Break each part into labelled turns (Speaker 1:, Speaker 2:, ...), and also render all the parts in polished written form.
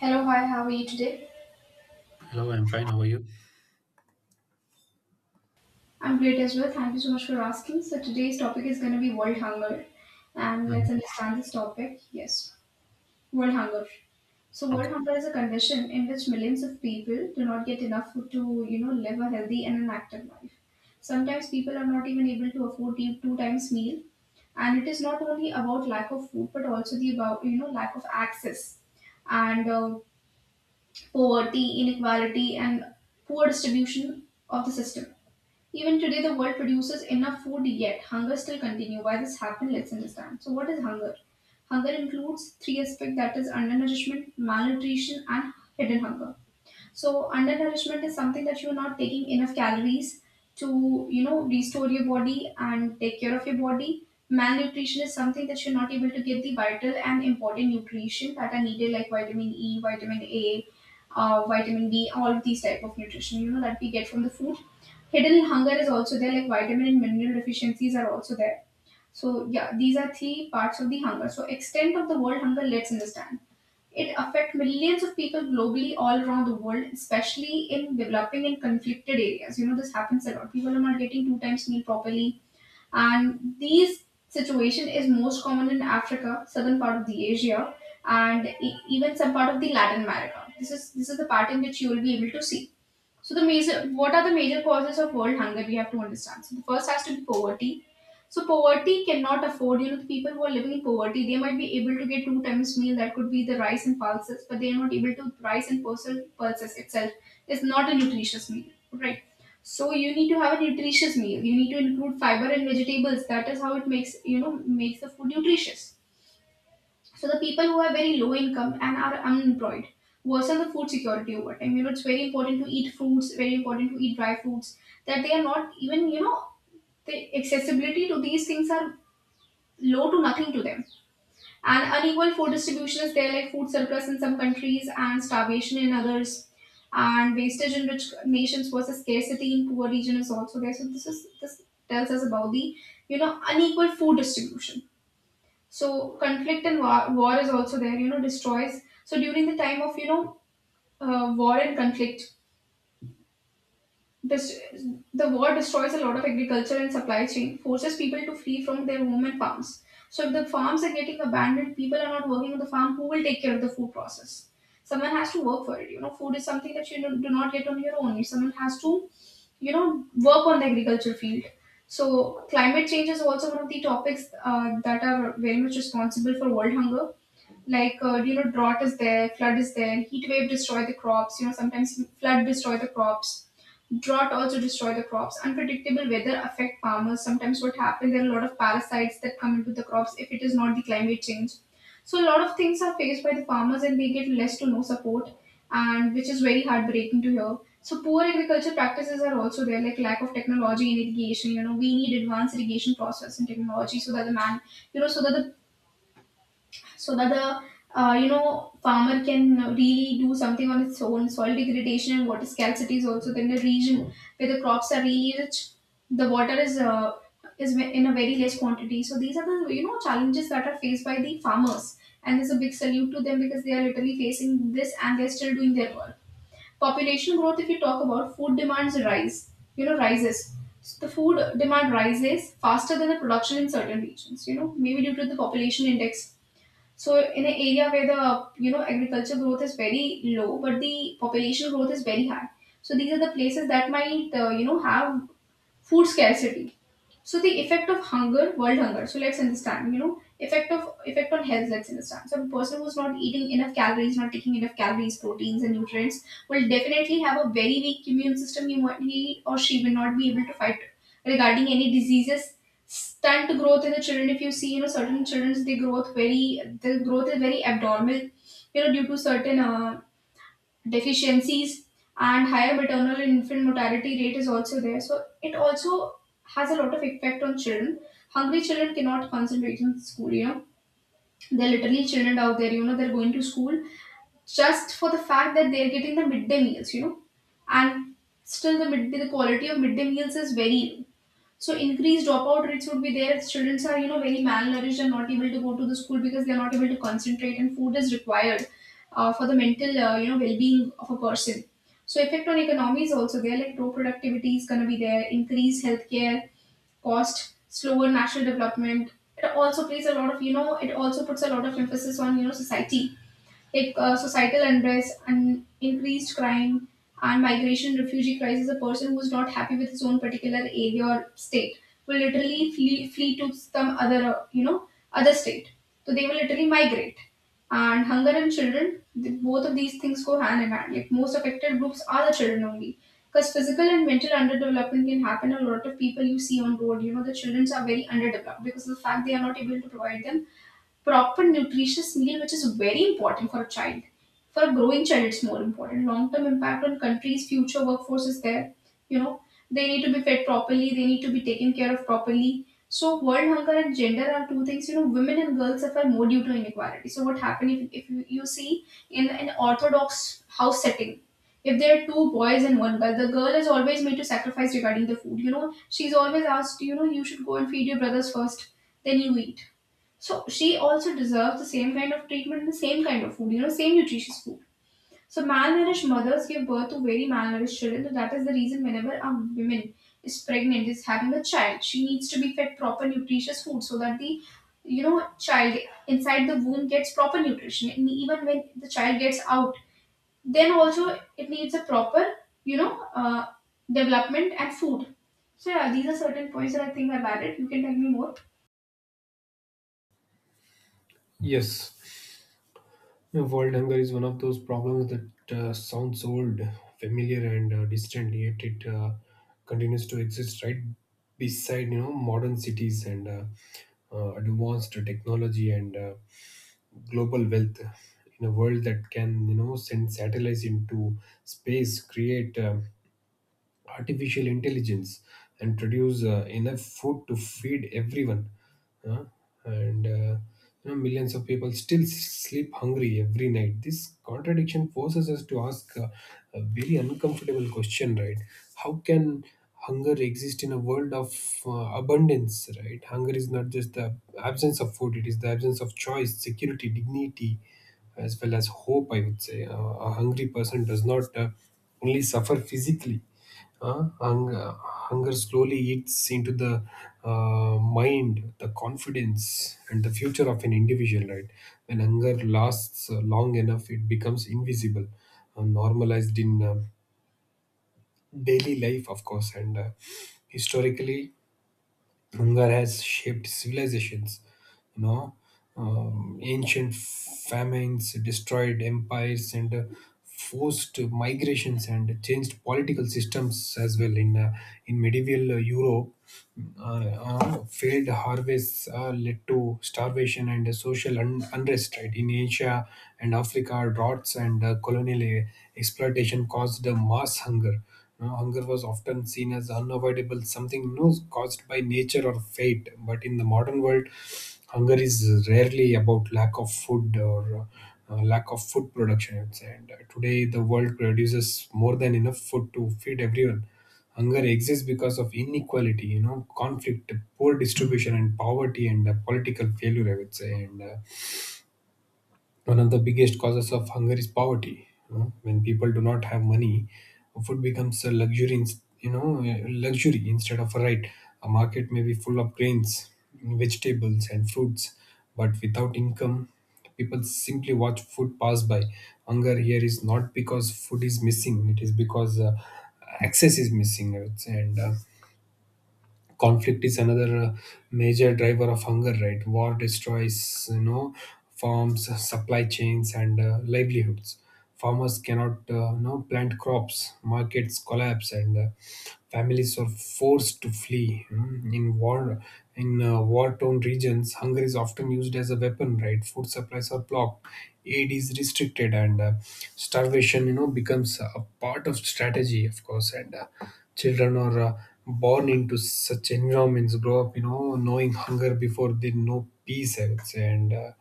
Speaker 1: Hello, hi, how are you today?
Speaker 2: Hello, I'm fine. How are you?
Speaker 1: I'm great as well. Thank you so much for asking. So, today's topic is going to be world hunger. And
Speaker 2: Mhm.
Speaker 1: let's understand this topic. Yes, world hunger. So, world
Speaker 2: Okay.
Speaker 1: hunger is a condition in which millions of people do not get enough food to, live a healthy and an active life. Sometimes people are not even able to afford the two times meal. And it is not only about lack of food, but also the about, lack of access and poverty, inequality, and poor distribution of the system. Even today, the world produces enough food, yet hunger still continue. Why this happened? Let's understand. So, what is hunger? Hunger includes three aspects that is undernourishment, malnutrition, and hidden hunger. So, undernourishment is something that you are not taking enough calories to restore your body and take care of your body. Malnutrition is something that you're not able to get the vital and important nutrition that are needed, like vitamin E, vitamin A, vitamin D, all of these type of nutrition that we get from the food. Hidden hunger is also there, like vitamin and mineral deficiencies are also there. So yeah, these are three parts of the hunger. So extent of the world hunger, let's understand. It affects millions of people globally all around the world, especially in developing and conflicted areas. You know, this happens a lot, people are not getting two times meal properly. And these situation is most common in Africa, southern part of the Asia, and even some part of the Latin America. This is the part in which you will be able to see. So the major, what are the major causes of world hunger? We have to understand. So the first has to be poverty. So poverty cannot afford. You know, the people who are living in poverty, they might be able to get two times meal. That could be the rice and pulses, but they are not able to rice and pulses. Pulses itself is not a nutritious meal, right? So you need to have a nutritious meal. You need to include fiber and vegetables. That is how it makes makes the food nutritious. So the people who have very low income and are unemployed worsen the food security over time. You know, it's very important to eat fruits, very important to eat dry fruits, that they are not even, the accessibility to these things are low to nothing to them. And unequal food distribution is there, like food surplus in some countries and starvation in others. And wastage in rich nations versus scarcity in poor region is also there. So this tells us about the unequal food distribution. So conflict and war, war is also there. You know, destroys. So during the time of war and conflict, this the war destroys a lot of agriculture and supply chain, forces people to flee from their home and farms. So if the farms are getting abandoned, people are not working on the farm. Who will take care of the food process? Someone has to work for it. You know, food is something that you do not get on your own. Someone has to you know work on the agriculture field. So climate change is also one of the topics that are very much responsible for world hunger, like drought is there, flood is there, heat wave destroy the crops. You know, sometimes flood destroy the crops, drought also destroy the crops, unpredictable weather affect farmers. Sometimes what happens, there are a lot of parasites that come into the crops, if it is not the climate change. So a lot of things are faced by the farmers and they get less to no support, and which is very heartbreaking to hear. So poor agriculture practices are also there, like lack of technology in irrigation. You know, we need advanced irrigation process and technology so that the man, you know so that the you know farmer can really do something on its own. Soil degradation and water scarcity is also in the region where the crops are really rich. The water is in a very less quantity. So these are the challenges that are faced by the farmers, and there's a big salute to them because they are literally facing this and they're still doing their work. Population growth, if you talk about, food demands rise, rises. So the food demand rises faster than the production in certain regions, you know, maybe due to the population index. So in an area where the agriculture growth is very low, but the population growth is very high. So these are the places that might have food scarcity. So the effect of hunger, world hunger, so let's understand, you know, effect of effect on health, let's understand. So a person who's not eating enough calories, not taking enough calories, proteins and nutrients will definitely have a very weak immune system. He or she will not be able to fight regarding any diseases. Stunt growth in the children, if you see, you know, certain children's they growth very, the growth is very abnormal, you know, due to certain deficiencies, and higher maternal and infant mortality rate is also there. So it also has a lot of effect on children. Hungry children cannot concentrate in school, you know. They're literally children out there, you know, they're going to school just for the fact that they're getting the midday meals, you know. And still the midday, the quality of midday meals is very, so increased dropout rates would be there. Students are, you know, very malnourished and not able to go to the school because they're not able to concentrate, and food is required for the mental, well-being of a person. So effect on economy is also there. Like low productivity is going to be there, increased healthcare cost, slower national development. It also plays a lot of, you know, it also puts a lot of emphasis on, you know, society, like societal unrest and increased crime and migration, refugee crisis. A person who's not happy with his own particular area or state will literally flee, flee to some other other state, so they will literally migrate. And hunger and children, both of these things go hand in hand, like most affected groups are the children only, because physical and mental underdevelopment can happen. A lot of people you see on road, you know, the children are very underdeveloped because of the fact they are not able to provide them proper nutritious meal, which is very important for a child. For a growing child, it's more important. Long term impact on country's future workforce is there, you know, they need to be fed properly, they need to be taken care of properly. So world hunger and gender are two things. You know, women and girls suffer more due to inequality. So what happens, if you see in an orthodox house setting, if there are two boys and one girl, the girl is always made to sacrifice regarding the food. You know, she's always asked, you know, you should go and feed your brothers first, then you eat. So she also deserves the same kind of treatment and the same kind of food, you know, same nutritious food. So malnourished mothers give birth to very malnourished children. So that is the reason whenever a woman is pregnant, is having a child, she needs to be fed proper nutritious food so that the child inside the womb gets proper nutrition. And even when the child gets out, then also it needs a proper, you know, uh, development and food. So yeah, these are certain points that I think I've added. You can tell me more.
Speaker 2: Yes, world hunger is one of those problems that sounds old, familiar, and distant. Yet it continues to exist right beside modern cities and advanced technology and global wealth in a world that can send satellites into space, create. Artificial intelligence and produce enough food to feed everyone. Huh? And millions of people still sleep hungry every night. This contradiction forces us to ask a very uncomfortable question, right? How can hunger exist in a world of uh, abundance, right? Hunger is not just the absence of food, it is the absence of choice, security, dignity, as well as hope, I would say. A hungry person does not only suffer physically. Uh, hunger, Hunger slowly eats into the mind, the confidence, and the future of an individual, right? When hunger lasts long enough, it becomes invisible, normalized in daily life, of course. And historically, hunger has shaped civilizations. You know, Ancient famines destroyed empires and forced migrations and changed political systems as well. In medieval Europe, failed harvests led to starvation and social unrest. Right in Asia and Africa, droughts and colonial exploitation caused mass hunger. Hunger was often seen as unavoidable, something caused by nature or fate. But in the modern world, hunger is rarely about lack of food or lack of food production. I'd say. And today, the world produces more than enough food to feed everyone. Hunger exists because of inequality, you know, conflict, poor distribution, and poverty and political failure. I would say, and one of the biggest causes of hunger is poverty. You know, when people do not have money, food becomes a luxury. You know, a luxury instead of a right. A market may be full of grains, vegetables, and fruits, but without income, people simply watch food pass by. Hunger here is not because food is missing; it is because access is missing. I would say. And conflict is another major driver of hunger, right? War destroys, farms, supply chains, and livelihoods. Farmers cannot, plant crops. Markets collapse and families are forced to flee. Mm. In war, in war torn regions, hunger is often used as a weapon. Right, food supplies are blocked, aid is restricted, and starvation, becomes a part of strategy, of course. And children are born into such environments, grow up, knowing hunger before they know peace, I would say. And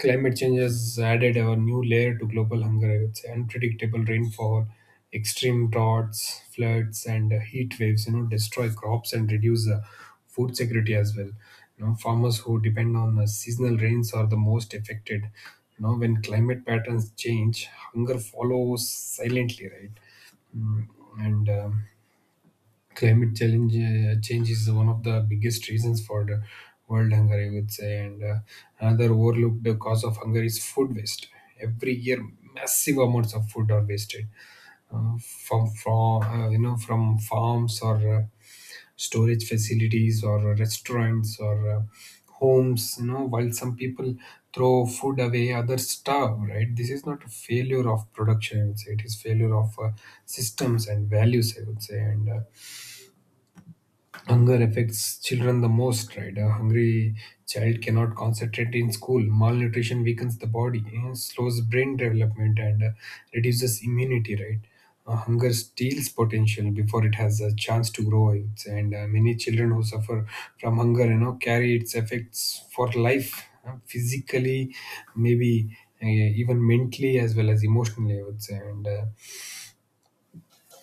Speaker 2: climate change has added a new layer to global hunger, I would say. Unpredictable rainfall, extreme droughts, floods, and heat waves, destroy crops and reduce food security as well. You know, farmers who depend on seasonal rains are the most affected. You know, when climate patterns change, hunger follows silently, right? Mm, and climate challenge change is one of the biggest reasons for the world hunger, I would say. And another overlooked cause of hunger is food waste. Every year, massive amounts of food are wasted, from you know from farms, or storage facilities, or restaurants, or homes. You know, while some people throw food away, others starve, right? This is not a failure of production, I would say. It is failure of systems and values, I would say. And hunger affects children the most, right? A hungry child cannot concentrate in school. Malnutrition weakens the body, slows brain development, and reduces immunity, right? Hunger steals potential before it has a chance to grow, I would say. And many children who suffer from hunger, carry its effects for life, physically, maybe, even mentally as well as emotionally, I would say. And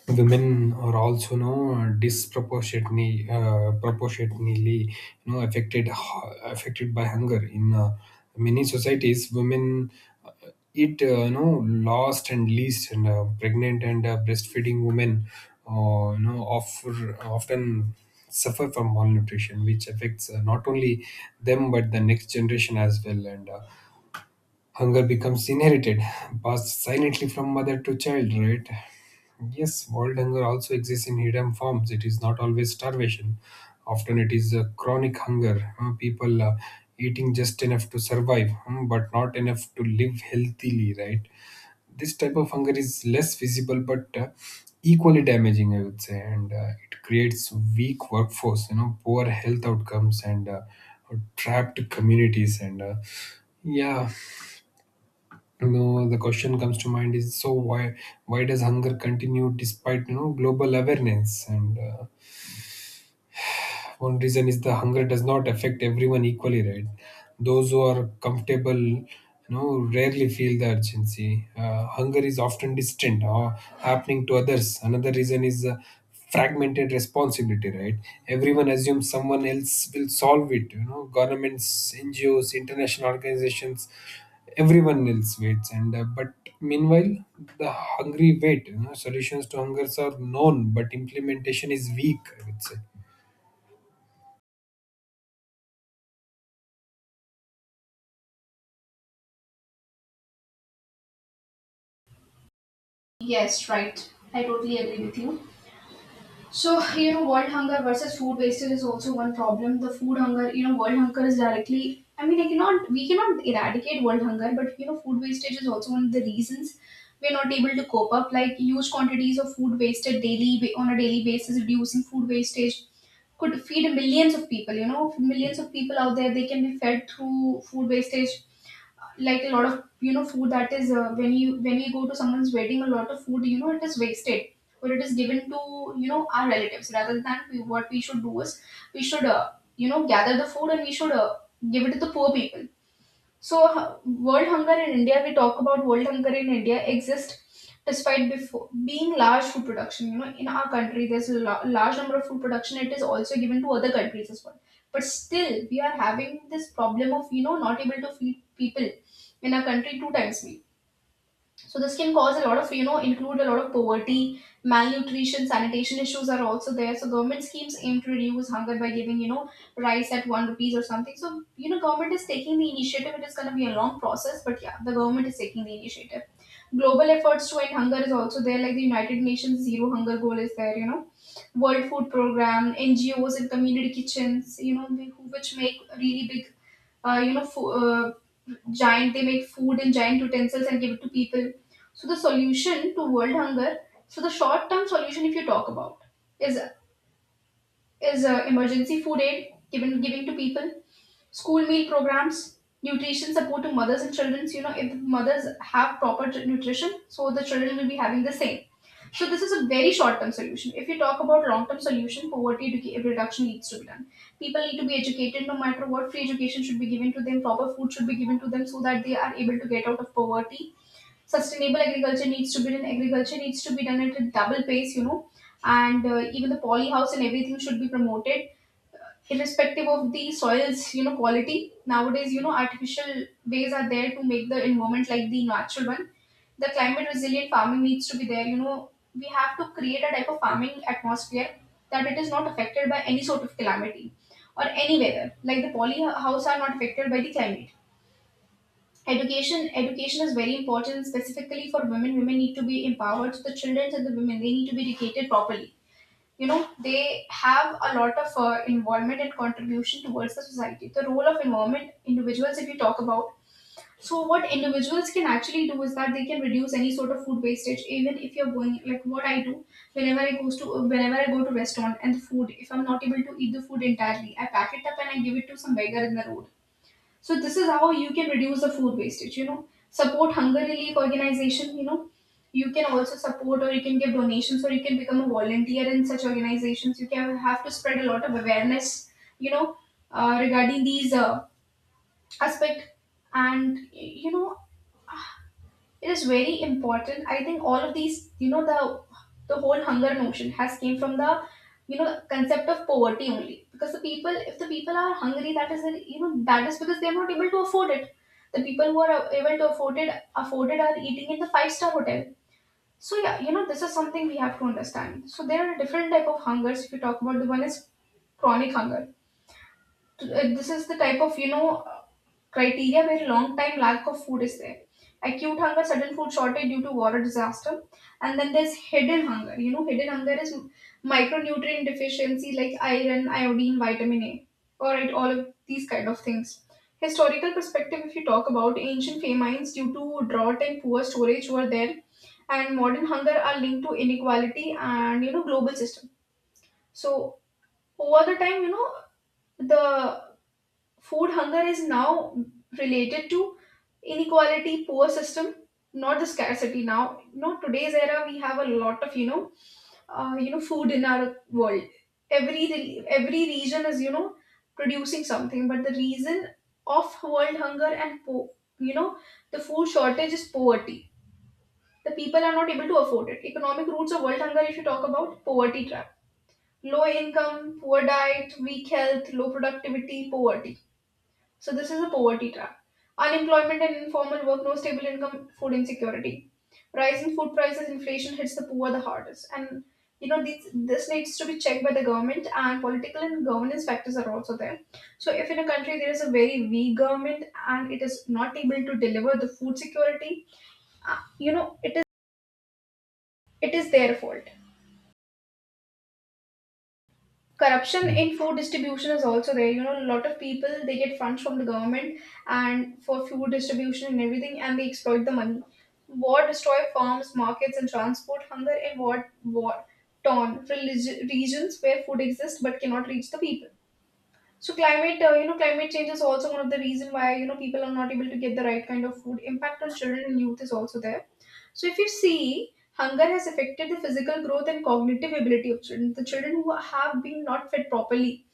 Speaker 2: women are also, you know disproportionately proportionately, you know affected uh, affected by hunger. In many societies, women, uh, eat, last and least. And pregnant and breastfeeding women, often suffer from malnutrition, which affects, not only them, but the next generation as well. And hunger becomes inherited, passed silently from mother to child, right? Yes, world hunger also exists in hidden forms. It is not always starvation. Often it is a chronic hunger. People, eating just enough to survive, but not enough to live healthily, right? This type of hunger is less visible but equally damaging, I would say, and it creates weak workforce, you know, poor health outcomes, and trapped communities, and yeah, you know, the question comes to mind is, so why does hunger continue despite, global awareness? And one reason is the hunger does not affect everyone equally, right? Those who are comfortable, you know, rarely feel the urgency. Hunger is often distant or happening to others. Another reason is, fragmented responsibility, right? Everyone assumes someone else will solve it. You know, governments, NGOs, international organizations, everyone else waits. And but meanwhile, the hungry wait. You know, solutions to hungers are known, but implementation is weak, I would say.
Speaker 1: Yes, right. I totally agree with you. So, you know, world hunger versus food wastage is also one problem. The food hunger, you know, world hunger is directly, I mean, I cannot, we cannot eradicate world hunger, but, you know, food wastage is also one of the reasons we're not able to cope up. Like, huge quantities of food wasted daily, on a daily basis. Reducing food wastage could feed millions of people, you know, millions of people out there, they can be fed through food wastage, like a lot of food that is when you when we go to someone's wedding, a lot of food, you know, it is wasted, but it is given to, you know, our relatives. Rather than we, what we should do is we should, you know, gather the food and we should give it to the poor people. So, world hunger in India, we talk about world hunger in India exists despite before being large food production. You know, in our country, there's a large number of food production. It is also given to other countries as well. But still, we are having this problem of, you know, not able to feed people in our country two times meal. So this can cause a lot of, you know, include a lot of poverty, malnutrition, sanitation issues are also there. So government schemes aim to reduce hunger by giving, you know, rice at one rupees or something. So, you know, government is taking the initiative. It is going to be a long process, but yeah, the government is taking the initiative. Global efforts to end hunger is also there, like the United Nations Zero Hunger Goal is there, you know. World Food Program, NGOs and community kitchens, you know, which make really big, uh, you know, fo- uh, giant, they make food in giant utensils and give it to people. So the solution to world hunger, so the short term solution, if you talk about, is is emergency food aid given giving to people, school meal programs, nutrition support to mothers and children. So, you know, if mothers have proper nutrition, so the children will be having the same. So this is a very short term solution. If you talk about long term solution, poverty reduction needs to be done. People need to be educated no matter what. Free education should be given to them. Proper food should be given to them so that they are able to get out of poverty. Sustainable agriculture needs to be done, agriculture needs to be done at a double pace, you know, and even the poly house and everything should be promoted irrespective of the soils, you know, quality. Nowadays, you know, artificial ways are there to make the environment like the natural one. The climate resilient farming needs to be there, you know, we have to create a type of farming atmosphere that it is not affected by any sort of calamity or any weather, like the poly house are not affected by the climate. Education is very important, specifically for women. Women need to be empowered. So the children and the women, they need to be educated properly. You know, they have a lot of involvement and contribution towards the society. The role of environment individuals, if you talk about, so what individuals can actually do is that they can reduce any sort of food wastage. Even if you're going, like, what I do, whenever I go to restaurant and the food, if I'm not able to eat the food entirely, I pack it up and I give it to some beggar in the road. So this is how you can reduce the food wastage, you know. Support hunger relief organization, you know. You can also support or you can give donations or you can become a volunteer in such organizations. You can have to spread a lot of awareness, you know, regarding these aspect. And, you know, it is very important. I think all of these, the whole hunger notion has came from the, you know, concept of poverty only. Because the people, if the people are hungry, that is, you know, that is because they are not able to afford it. The people who are able to afford it, afford it, are eating in the five-star hotel. So yeah, you know, this is something we have to understand. So there are different type of hungers. If you talk about, the one is chronic hunger. uh, this is the type of, criteria where long time lack of food is there. Acute hunger, sudden food shortage due to war or disaster. And then there's hidden hunger. You know, hidden hunger is micronutrient deficiency, like iron, iodine, vitamin A. All right, all of these kind of things. Historical perspective, if you talk about, ancient famines due to drought and poor storage were there, and modern hunger are linked to inequality and, you know, global system. So over the time, you know the food hunger is now related to inequality, poor system, not the scarcity. Now, not today's era, we have a lot of, food in our world. Every every region is, you know, producing something, but the reason of world hunger and you know the food shortage is poverty. The people are not able to afford it. Economic roots of world hunger, if you talk about, poverty trap, low income, poor diet, weak health, low productivity, poverty. So this is a poverty trap. Unemployment and informal work, no stable income, food insecurity. Rising food prices, inflation hits the poor the hardest. And you know, this needs to be checked by the government, and political and governance factors are also there. So if in a country there is a very weak government and it is not able to deliver the food security, uh, you know, it is it is their fault. Corruption in food distribution is also there, you know. A lot of people, they get funds from the government and for food distribution and everything, and they exploit the money. War destroy farms, markets and transport. Hunger and war war torn regions where food exists but cannot reach the people. So climate, climate change is also one of the reason why, you know, people are not able to get the right kind of food. Impact on children and youth is also there. So if you see, hunger has affected the physical growth and cognitive ability of children. The children who have been not fed properly,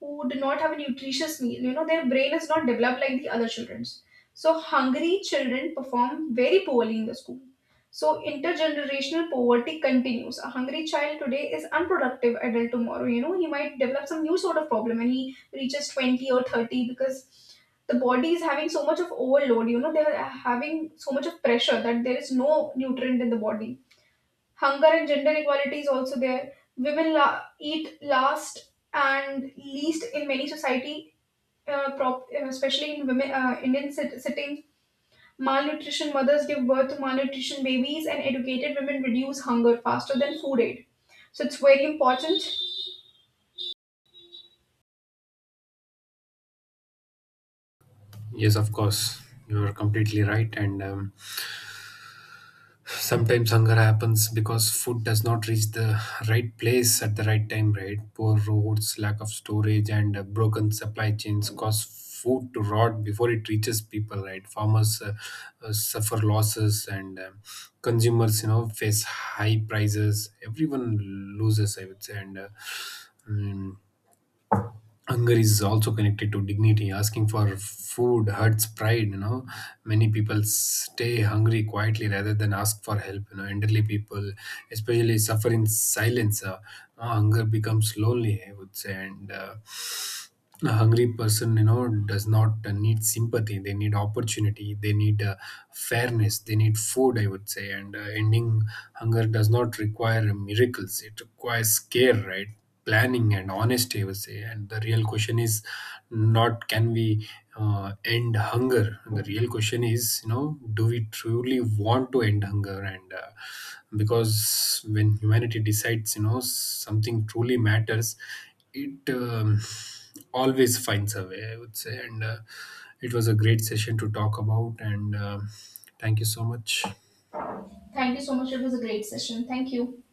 Speaker 1: who do not have a nutritious meal, you know, their brain is not developed like the other children's. So hungry children perform very poorly in the school. So intergenerational poverty continues. A hungry child today is unproductive adult tomorrow. You know, he might develop some new sort of problem when he reaches 20 or 30, because the body is having so much of overload, you know, they're having so much of pressure that there is no nutrient in the body. Hunger and gender equality is also there. Women eat last and least in many society, especially in women, Indian settings. Malnutrition mothers give birth to malnutrition babies, and educated women reduce hunger faster than food aid. So it's very important.
Speaker 2: Yes, of course. You're completely right. And sometimes hunger happens because food does not reach the right place at the right time, right? Poor roads, lack of storage, and broken supply chains cause food to rot before it reaches people, right? Farmers, suffer losses, and consumers, you know, face high prices. Everyone loses, I would say. And mm, hunger is also connected to dignity. Asking for food hurts pride. You know, many people stay hungry quietly rather than ask for help. You know, elderly people especially suffer in silence. Hunger becomes lonely, I would say. And a hungry person, you know, does not, need sympathy. They need opportunity, they need, fairness, they need food, I would say. And ending hunger does not require miracles. It requires care, right? Planning and honesty, I would say. And the real question is not, can we, end hunger? The real question is, you know, do we truly want to end hunger? And because when humanity decides, you know, something truly matters, it, always finds a way, I would say. And it was a great session to talk about. And thank you so much.
Speaker 1: Thank you so much. It was a great session. Thank you.